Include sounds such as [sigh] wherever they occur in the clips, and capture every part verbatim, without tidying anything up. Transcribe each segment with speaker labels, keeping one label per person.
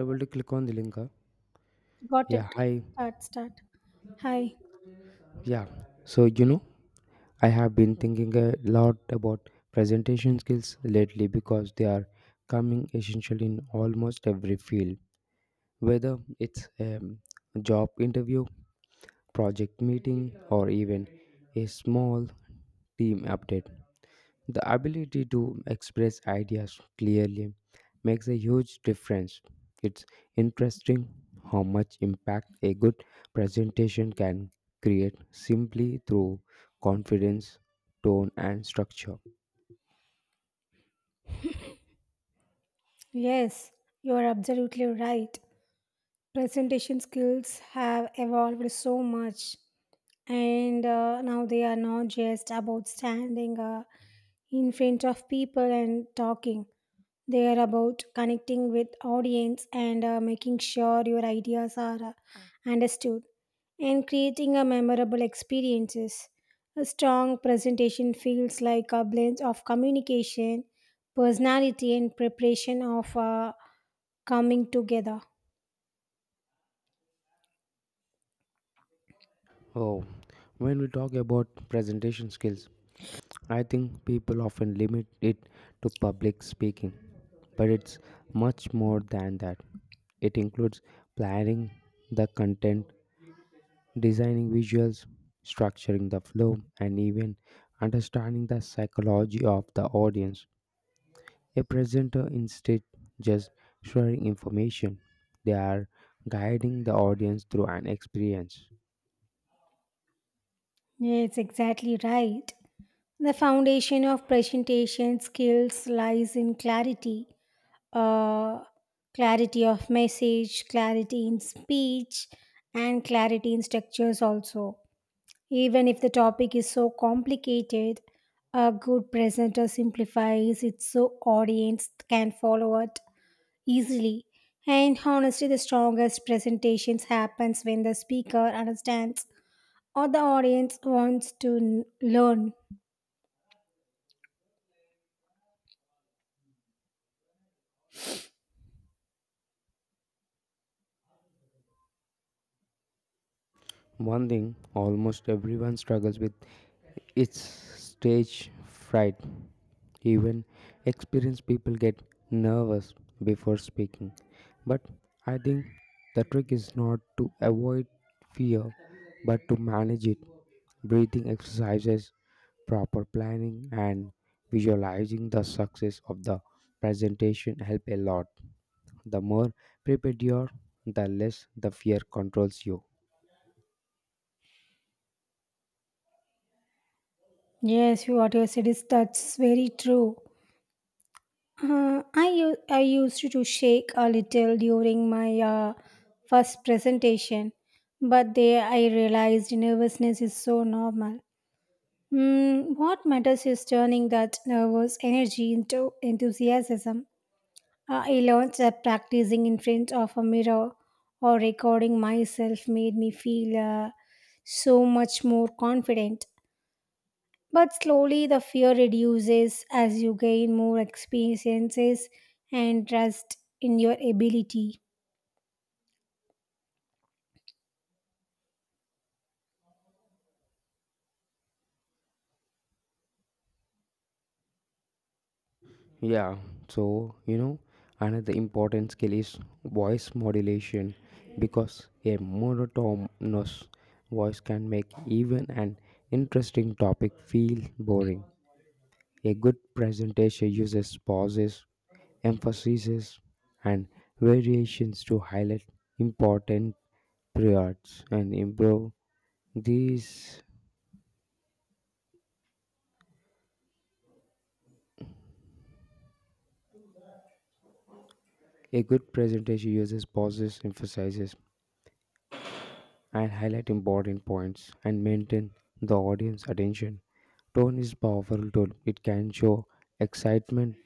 Speaker 1: Able to click on the link. uh,
Speaker 2: Got it.
Speaker 1: Yeah, hi.
Speaker 2: Start, start. Hi.
Speaker 1: Yeah. So, you know, I have been thinking a lot about presentation skills lately because they are coming essential in almost every field, whether it's a job interview, project meeting, or even a small team update. The ability to express ideas clearly makes a huge difference. It's interesting how much impact a good presentation can create simply through confidence, tone, and structure.
Speaker 2: Yes, you are absolutely right. Presentation skills have evolved so much, and uh, now they are not just about standing uh, in front of people and talking. They are about connecting with audience and uh, making sure your ideas are uh, understood. And creating a memorable experiences. A strong presentation feels like a blend of communication, personality, and preparation of uh, coming together.
Speaker 1: Oh, when we talk about presentation skills, I think people often limit it to public speaking, but it's much more than that. It includes planning the content, designing visuals, structuring the flow, and even understanding the psychology of the audience. A presenter instead just sharing information, they are guiding the audience through an experience.
Speaker 2: Yes, exactly right. The foundation of presentation skills lies in clarity, uh, clarity of message, clarity in speech, and clarity in structures also. Even if the topic is so complicated, a good presenter simplifies it so audience can follow it easily. And honestly, the strongest presentations happens when the speaker understands or the audience wants to n- learn.
Speaker 1: One thing almost everyone struggles with is stage fright. Even experienced people get nervous before speaking. But I think the trick is not to avoid fear but to manage it. Breathing exercises, proper planning, and visualizing the success of the presentation help a lot. The more prepared you are, the less the fear controls you.
Speaker 2: Yes, what you said is that's very true. Uh, I u- I used to shake a little during my uh, first presentation, but there I realized nervousness is so normal. Mm, what matters is turning that nervous energy into enthusiasm. Uh, I learned that practicing in front of a mirror or recording myself made me feel uh, so much more confident. But slowly the fear reduces as you gain more experiences and trust in your ability.
Speaker 1: Yeah, so you know, another important skill is voice modulation because a monotonous voice can make even an interesting topic feel boring. A good presentation uses pauses, emphases, and variations to highlight important periods and improve these. A good presentation uses pauses, emphasizes, and highlight important points and maintain the audience attention. Tone is powerful tool. It can show excitement,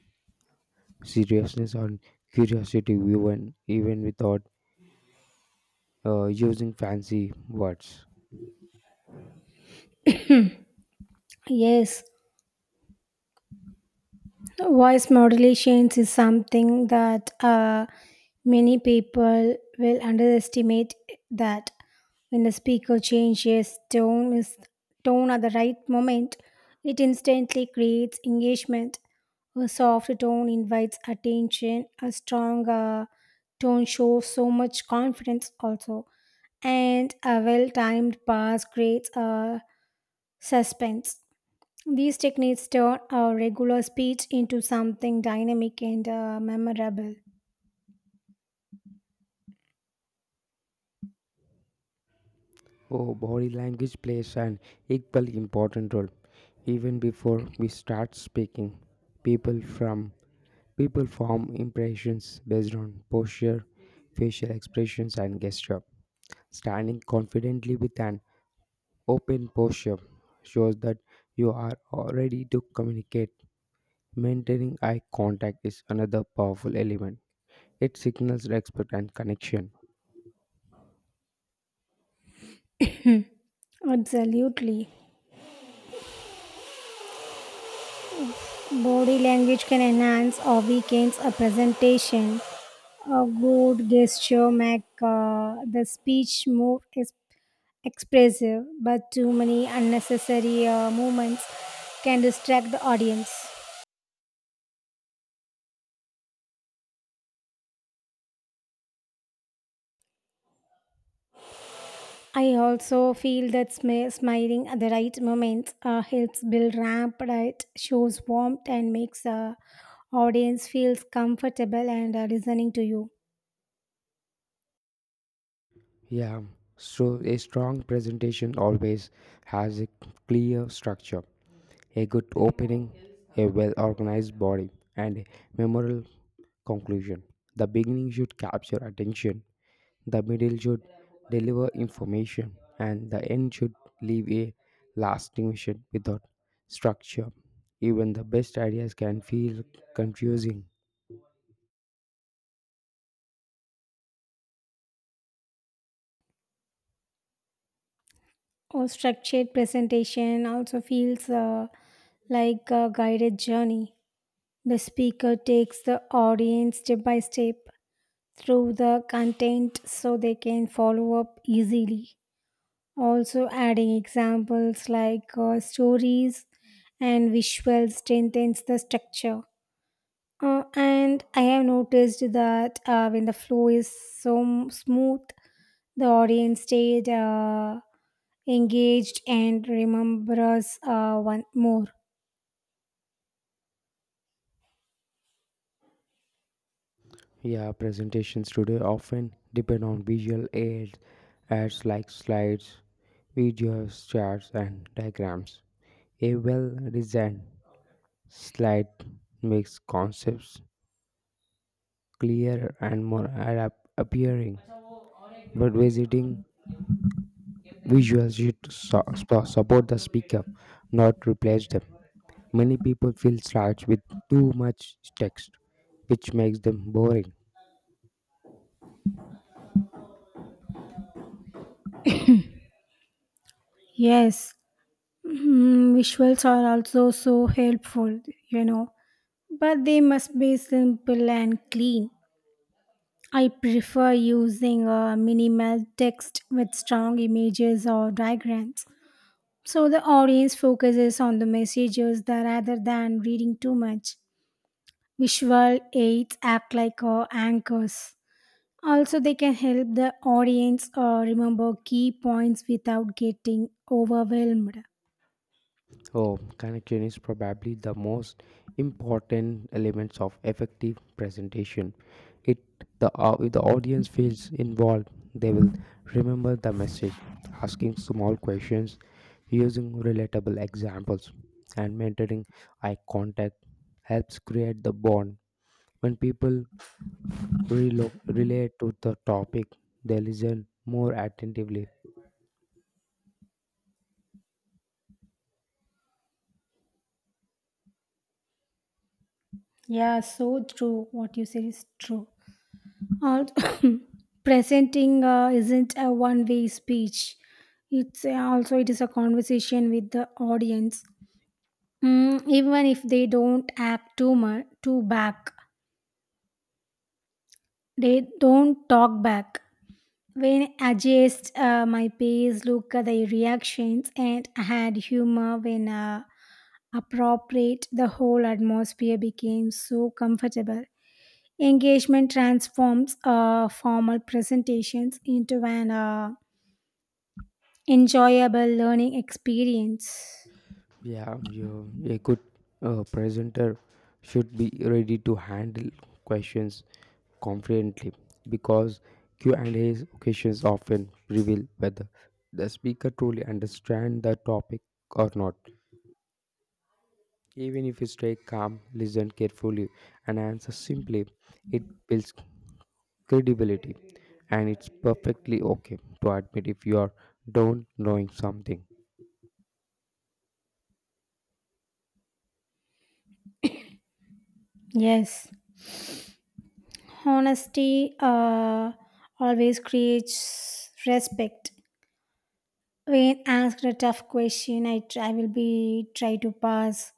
Speaker 1: seriousness, or curiosity even even without uh, using fancy words.
Speaker 2: Yes, voice modulation is something that uh, many people will underestimate that when the speaker changes tone is tone at the right moment, it instantly creates engagement. A soft tone invites attention. A strong uh, tone shows so much confidence also. And a well-timed pass creates a suspense. These techniques turn our regular speech into something dynamic and uh, memorable.
Speaker 1: Oh, body language plays an equally important role. Even before we start speaking, people from people form impressions based on posture, facial expressions, and gesture. Standing confidently with an open posture shows that you are uh, ready to communicate. Maintaining eye contact is another powerful element. It signals respect and connection.
Speaker 2: Absolutely. Body language can enhance or weaken a presentation. A good gesture make uh, the speech more ex- expressive, but too many unnecessary uh, movements can distract the audience. I also feel that smi- smiling at the right moments uh, helps build rapport, shows warmth, and makes the audience feels comfortable and uh, listening to you.
Speaker 1: Yeah, so a strong presentation always has a clear structure, a good opening, a well organized body, and a memorable conclusion. The beginning should capture attention, the middle should deliver information, and the end should leave a lasting vision without structure. Even the best ideas can feel confusing.
Speaker 2: Or structured presentation also feels uh, like a guided journey. The speaker takes the audience step by step through the content so they can follow up easily. Also, adding examples like uh, stories and visuals strengthens the structure. Uh, and I have noticed that uh, when the flow is so m- smooth, the audience stayed uh, engaged and remembers uh, one more.
Speaker 1: Yeah, presentations today often depend on visual aids, ads like slides, videos, charts, and diagrams. A well designed slide makes concepts clearer and more adapt- appearing. But visiting visuals should su- su- support the speaker, not replace them. Many people feel slouched with too much text, which makes them boring.
Speaker 2: Yes, mm, visuals are also so helpful, you know but they must be simple and clean. I prefer using a minimal text with strong images or diagrams. So the audience focuses on the messages that rather than reading too much. Visual aids act like uh, anchors. Also, they can help the audience uh, remember key points without getting overwhelmed.
Speaker 1: Oh, connection is probably the most important elements of effective presentation. It the au- if the audience feels involved, they will remember the message, asking small questions, using relatable examples, and maintaining eye contact helps create the bond. When people relo- relate to the topic, they listen more attentively.
Speaker 2: Yeah, so true. What you said is true. Also, [laughs] [coughs] presenting uh, isn't a one-way speech. It's also it is a conversation with the audience. Mm, even if they don't act too much, too back, they don't talk back. When I adjust uh, my pace, look at the reactions, and add humor when uh, appropriate, the whole atmosphere became so comfortable. Engagement transforms uh, formal presentations into an uh, enjoyable learning experience.
Speaker 1: Yeah, you a good uh, presenter should be ready to handle questions confidently because Q and A occasions often reveal whether the speaker truly understands the topic or not. Even if you stay calm, listen carefully, and answer simply, it builds credibility, and it's perfectly okay to admit if you are don't knowing something.
Speaker 2: Yes, honesty uh, always creates respect. When asked a tough question, I, try, I will be try to pass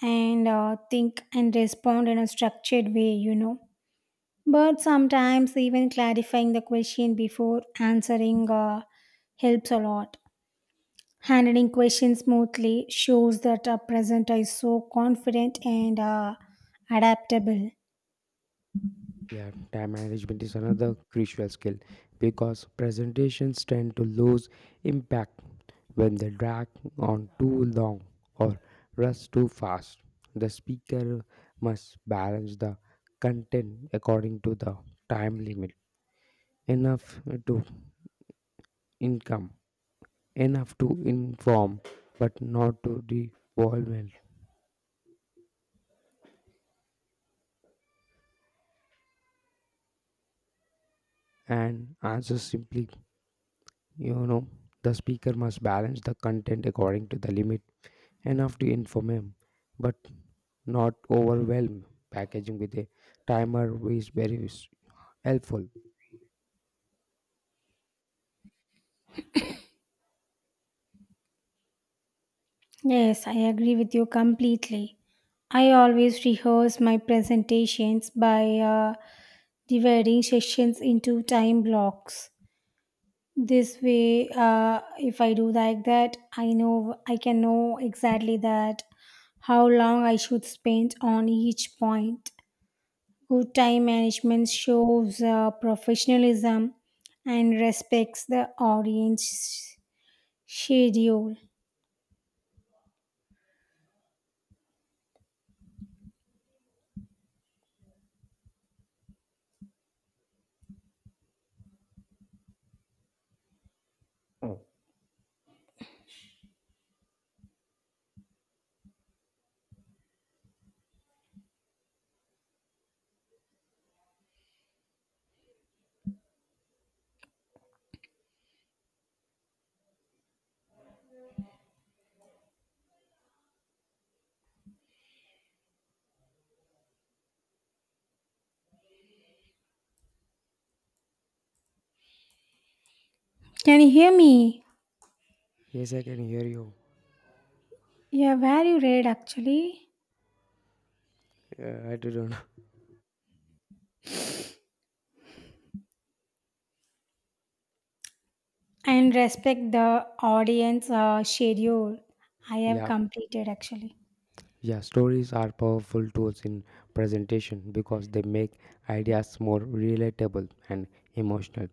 Speaker 2: and uh, think and respond in a structured way, you know. But sometimes even clarifying the question before answering uh, helps a lot. Handling questions smoothly shows that a presenter is so confident and uh, adaptable.
Speaker 1: Yeah, time management is another crucial skill because presentations tend to lose impact when they drag on too long or rush too fast. The speaker must balance the content according to the time limit, enough to income, enough to inform, but not to devolve and answer simply. You know, the speaker must balance the content according to the limit enough to inform him, but not overwhelm. Packaging with a timer is very s- helpful.
Speaker 2: Yes, I agree with you completely. I always rehearse my presentations by uh, dividing sessions into time blocks. This way, uh, if I do like that, I know I can know exactly that how long I should spend on each point. Good time management shows uh, professionalism and respects the audience schedule. Can you hear me?
Speaker 1: Yes, I can hear you.
Speaker 2: Yeah, very rare actually.
Speaker 1: Uh, I don't know. [laughs]
Speaker 2: And respect the audience uh, schedule. I have
Speaker 1: Yeah,
Speaker 2: completed actually.
Speaker 1: yeah. Stories are powerful tools in presentation because they make ideas more relatable and emotional.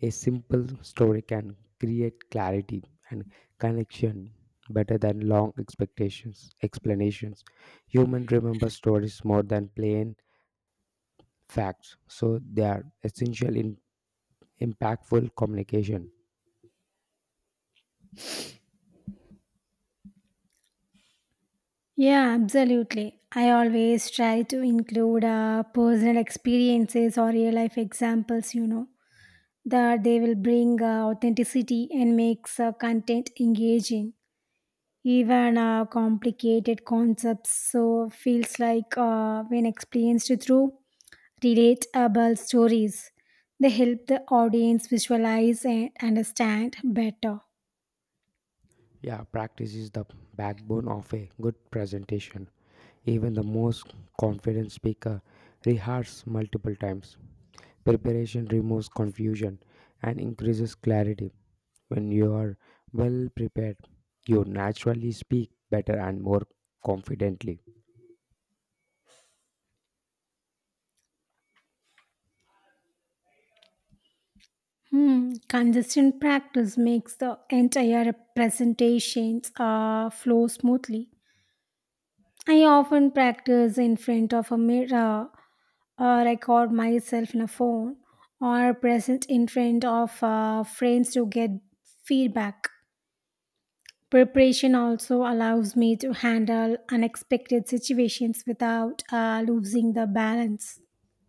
Speaker 1: A simple story can create clarity and connection better than long expectations explanations. Human remember stories more than plain facts, so they are essential in impactful communication.
Speaker 2: Yeah, absolutely. I always try to include uh, personal experiences or real life examples, you know, that they will bring uh, authenticity and makes uh, content engaging. Even uh, complicated concepts so feels like uh, when experienced through relatable stories. They help the audience visualize and understand better.
Speaker 1: Yeah, practice is the backbone of a good presentation. Even the most confident speaker rehearses multiple times. Preparation removes confusion and increases clarity. When you are well prepared, you naturally speak better and more confidently.
Speaker 2: Hmm. Consistent practice makes the entire presentations uh, flow smoothly. I often practice in front of a mirror, or record myself in a phone, or present in front of uh, friends to get feedback. Preparation also allows me to handle unexpected situations without uh, losing the balance.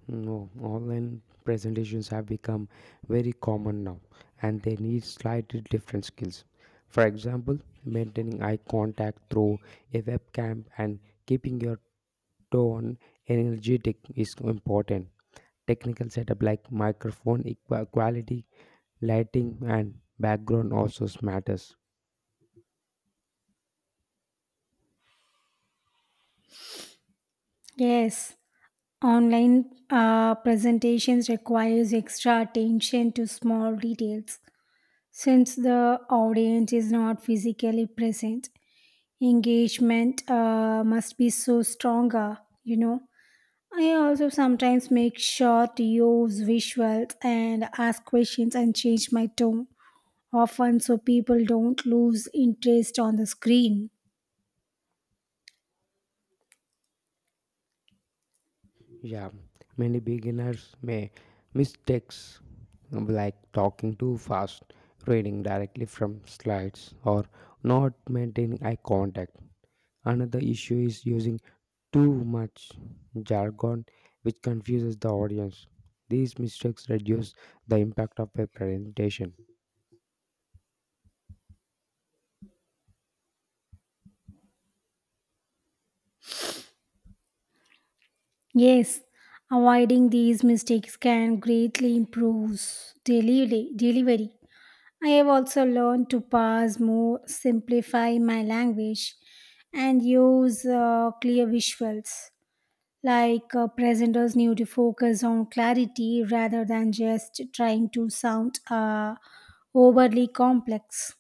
Speaker 1: No, online presentations have become very common now and they need slightly different skills. For example, maintaining eye contact through a webcam and keeping your tone energetic is important. Technical setup like microphone equa- quality, lighting, and background also matters.
Speaker 2: Yes, online uh, presentations requires extra attention to small details since the audience is not physically present. Engagement uh, must be so stronger, you know. I also sometimes make sure to use visuals and ask questions and change my tone often so people don't lose interest on the screen.
Speaker 1: Yeah, many beginners may mistakes like talking too fast, reading directly from slides, or not maintaining eye contact. Another issue is using too much jargon, which confuses the audience. These mistakes reduce the impact of a presentation.
Speaker 2: Yes, avoiding these mistakes can greatly improve delivery. delivery. I have also learned to pause more, simplify my language, and use uh, clear visuals. Like uh, presenters need to focus on clarity rather than just trying to sound uh, overly complex.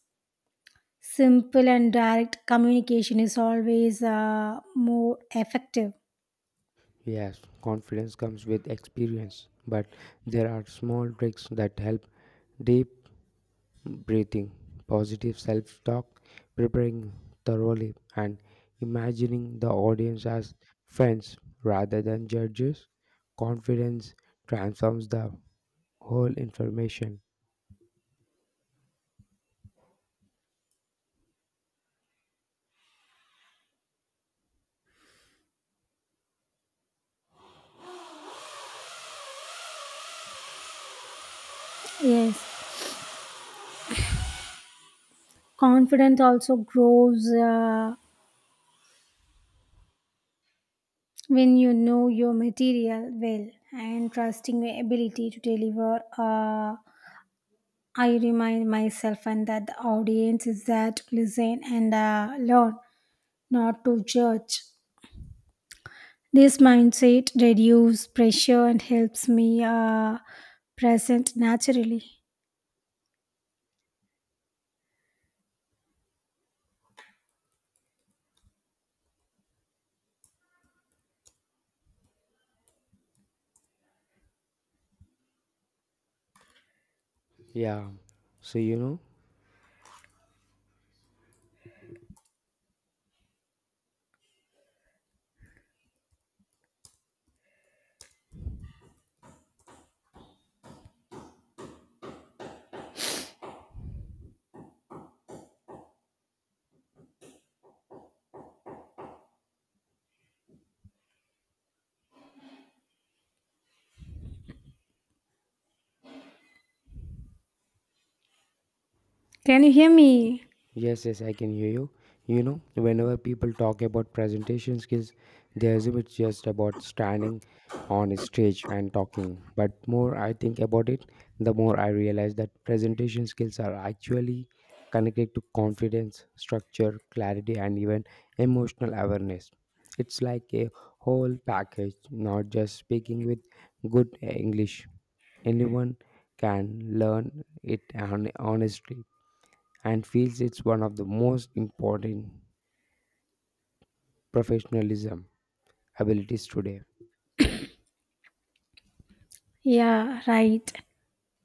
Speaker 2: Simple and direct communication is always uh, more effective.
Speaker 1: Yes, confidence comes with experience, but there are small tricks that help Deep. breathing, positive self talk, preparing thoroughly, and imagining the audience as friends rather than judges. Confidence transforms the whole information.
Speaker 2: Yes, confidence also grows uh, when you know your material well and trusting your ability to deliver. Uh, I remind myself and that the audience is there to listen and uh, learn, not to judge. This mindset reduces pressure and helps me uh, present naturally.
Speaker 1: Yeah, so you know.
Speaker 2: Can you hear me?
Speaker 1: Yes, yes, I can hear you. You know, whenever people talk about presentation skills, they assume it's just about standing on a stage and talking. But more I think about it, the more I realize that presentation skills are actually connected to confidence, structure, clarity, and even emotional awareness. It's like a whole package, not just speaking with good English. Anyone can learn it hon- honestly and feels it's one of the most important professionalism abilities today.
Speaker 2: Yeah, right.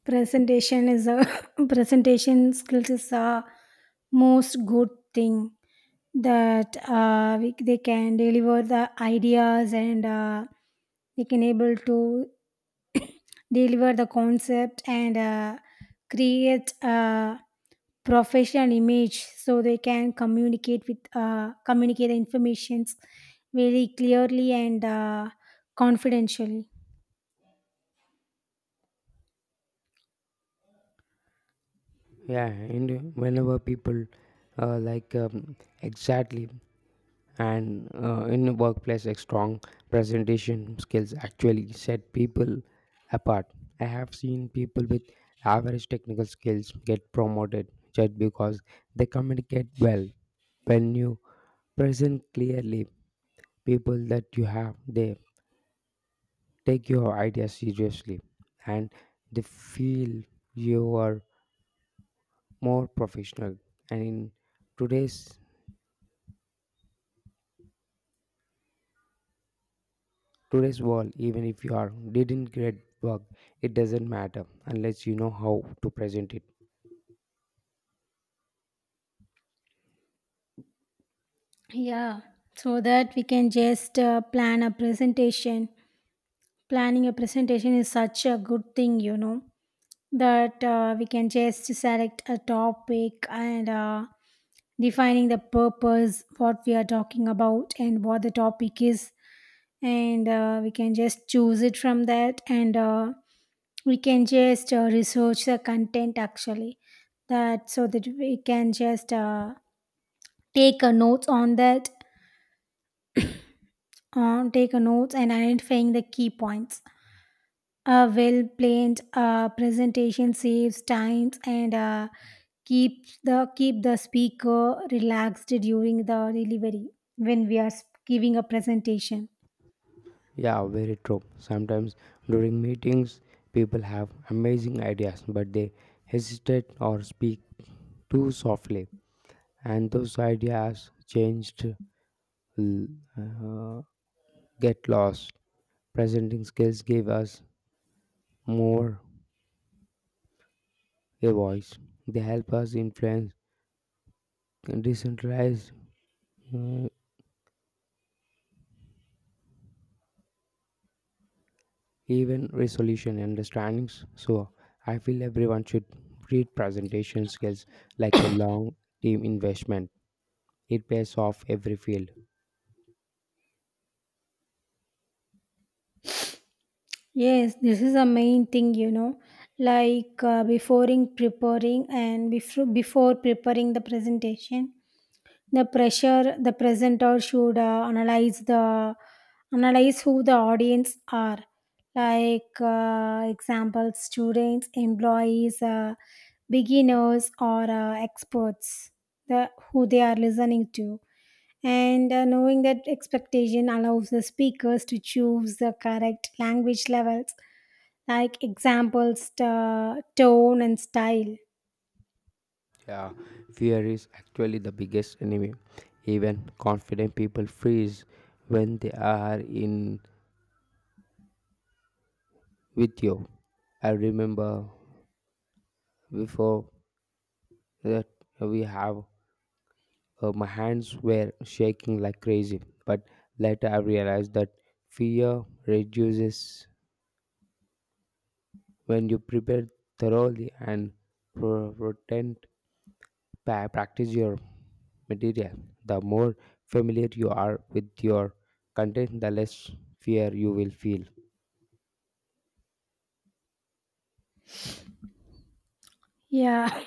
Speaker 2: Presentation is a [laughs] presentation skills is a most good thing that uh, we, they can deliver the ideas and uh, they can able to [coughs] deliver the concept and uh, create a professional image so they can communicate with uh, communicate the informations very clearly and uh, confidentially.
Speaker 1: Yeah, and whenever people uh, like um, exactly and uh, in a workplace a strong presentation skills actually set people apart. I have seen people with average technical skills get promoted just because they communicate well when you present clearly people that you have they take your ideas seriously and they feel you are more professional, and in today's Today's world, even if you are didn't great work, it doesn't matter unless you know how to present it.
Speaker 2: Yeah, so that we can just uh, plan a presentation. Planning a presentation is such a good thing, you know, that uh, we can just select a topic and uh, defining the purpose, what we are talking about, and what the topic is. And uh, we can just choose it from that, and uh, we can just uh, research the content actually that so that we can just uh, take a notes on that uh, take a notes and identifying the key points. A well planned uh, presentation saves times and uh, keeps the keep the speaker relaxed during the delivery when we are s- giving a presentation.
Speaker 1: Yeah, very true. Sometimes during meetings, people have amazing ideas, but they hesitate or speak too softly, and those ideas changed l- uh, get lost. Presenting skills give us more a voice. They help us influence decentralized uh, even resolution understandings. So I feel everyone should treat presentation skills like a long team investment. It pays off every field.
Speaker 2: Yes, this is a main thing, you know, like uh, before in preparing and before before preparing the presentation. The pressure the presenter should uh, analyze the analyze who the audience are, like uh, example students, employees, uh, beginners, or uh, experts. The who they are listening to, and uh, knowing that expectation allows the speakers to choose the correct language levels, like examples, uh, tone, and style.
Speaker 1: Yeah, fear is actually the biggest enemy. Even confident people freeze when they are in with you. I remember before that we have uh, my hands were shaking like crazy, but later I realized that fear reduces when you prepare thoroughly and pro- pretend pa- practice your material. The more familiar you are with your content, the less fear you will feel.
Speaker 2: Yeah.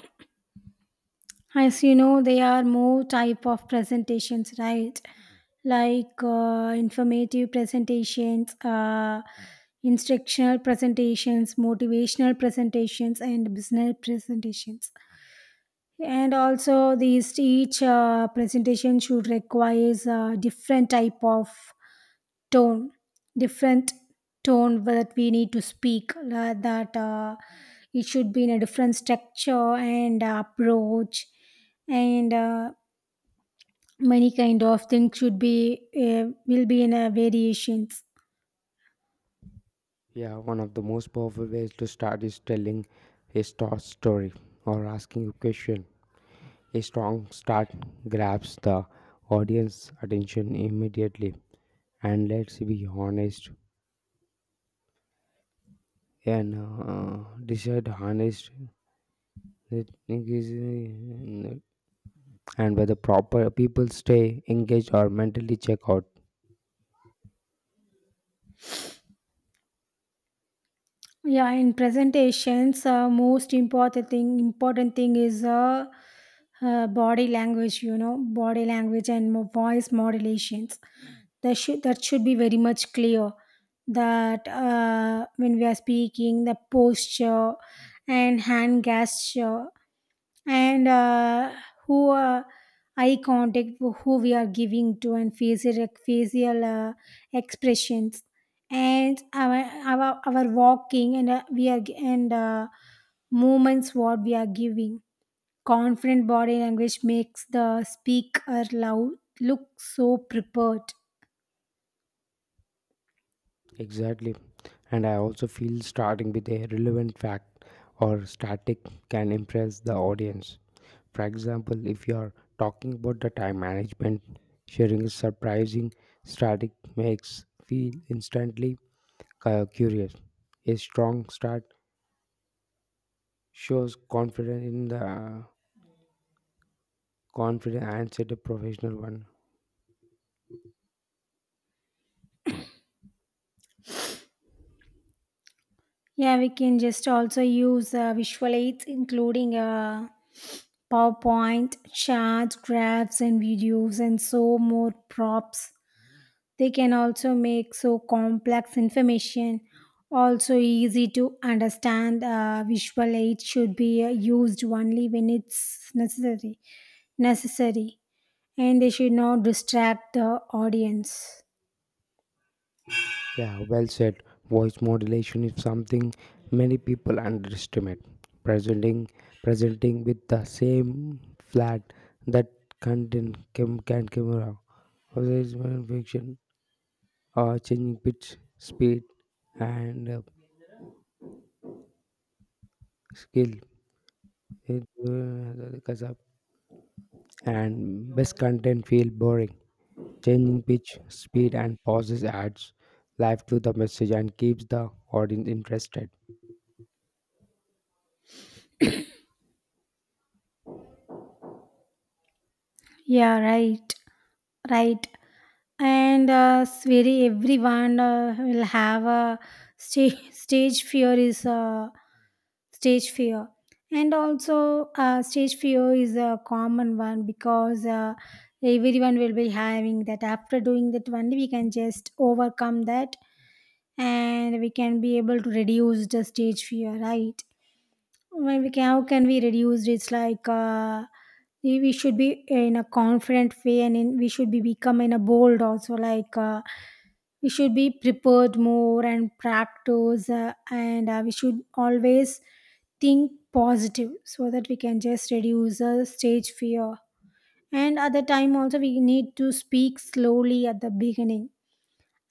Speaker 2: As you know, there are more type of presentations, right? Like uh, informative presentations, uh, instructional presentations, motivational presentations, and business presentations. And also, these each uh, presentation should requires a different type of tone different tone that we need to speak la- that uh, it should be in a different structure and uh, approach and uh, many kind of things should be uh, will be in a variations.
Speaker 1: Yeah, one of the most powerful ways to start is telling a short story or asking a question. A strong start grabs the audience attention immediately. And let's be honest and uh, decide honest that it is, uh, and whether proper people stay engaged or mentally check out.
Speaker 2: Yeah, in presentations uh, most important thing important thing is uh, uh, body language, you know, body language and mo- voice modulations that should that should be very much clear that uh, when we are speaking the posture and hand gesture and uh, who uh, eye contact who we are giving to and facial facial uh, expressions and our, our our walking and uh, we are and uh, movements what we are giving. Confident body language makes the speaker loud look so prepared.
Speaker 1: Exactly. And I also feel starting with a relevant fact or static can impress the audience. For example, if you are talking about the time management, sharing a surprising static makes feel instantly cu- curious. A strong start shows confidence in the confident and set a professional one.
Speaker 2: Yeah, we can just also use uh, visual aids, including uh, PowerPoint, charts, graphs, and videos, and so more props. They can also make so complex information also easy to understand. Uh, visual aid should be uh, used only when it's necessary, necessary, and they should not distract the audience.
Speaker 1: Yeah, well said. Voice modulation is something many people underestimate. Presenting presenting with the same flat that content cam, can camera, advertisement fiction, or changing pitch, speed, and uh, skill. It, uh, and best content feel boring. Changing pitch, speed, and pauses adds life to the message and keeps the audience interested.
Speaker 2: Yeah, right, right. And uh, very everyone uh, will have a stage [laughs] stage fear is uh, stage fear. And also uh, stage fear is a common one because uh, everyone will be having that. After doing that one we can just overcome that and we can be able to reduce the stage fear, right? When we can, how can we reduce it's like uh, we we should be in a confident way and in, we should be become in a bold also, like uh, we should be prepared more and practice uh, and uh, we should always think positive so that we can just reduce the stage fear. And at the time also we need to speak slowly at the beginning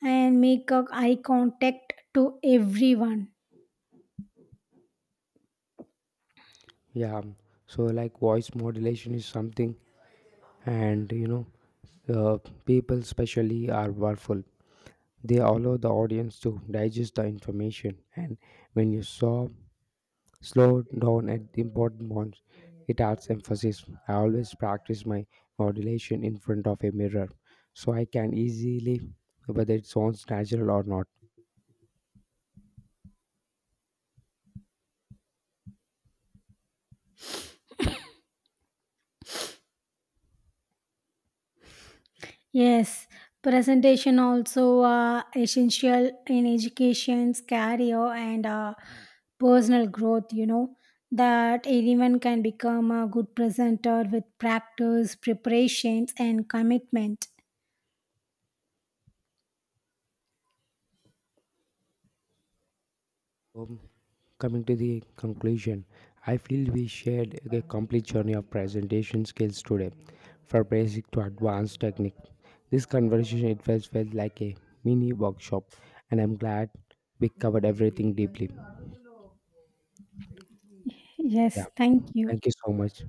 Speaker 2: and make a eye contact to everyone.
Speaker 1: Yeah, so like voice modulation is something, and you know, uh, people especially are powerful. They allow the audience to digest the information, and when you saw slow down at the important ones. It adds emphasis. I always practice my modulation in front of a mirror so I can easily whether it sounds natural or not.
Speaker 2: Yes, presentation also uh, essential in education's career and uh, personal growth. You know that anyone can become a good presenter with practice, preparations, and commitment.
Speaker 1: Um, coming to the conclusion, I feel we shared a complete journey of presentation skills today, from basic to advanced technique. This conversation it felt, felt like a mini workshop, and I'm glad we covered everything deeply. Yeah,
Speaker 2: Yes, thank you.
Speaker 1: thank you so much.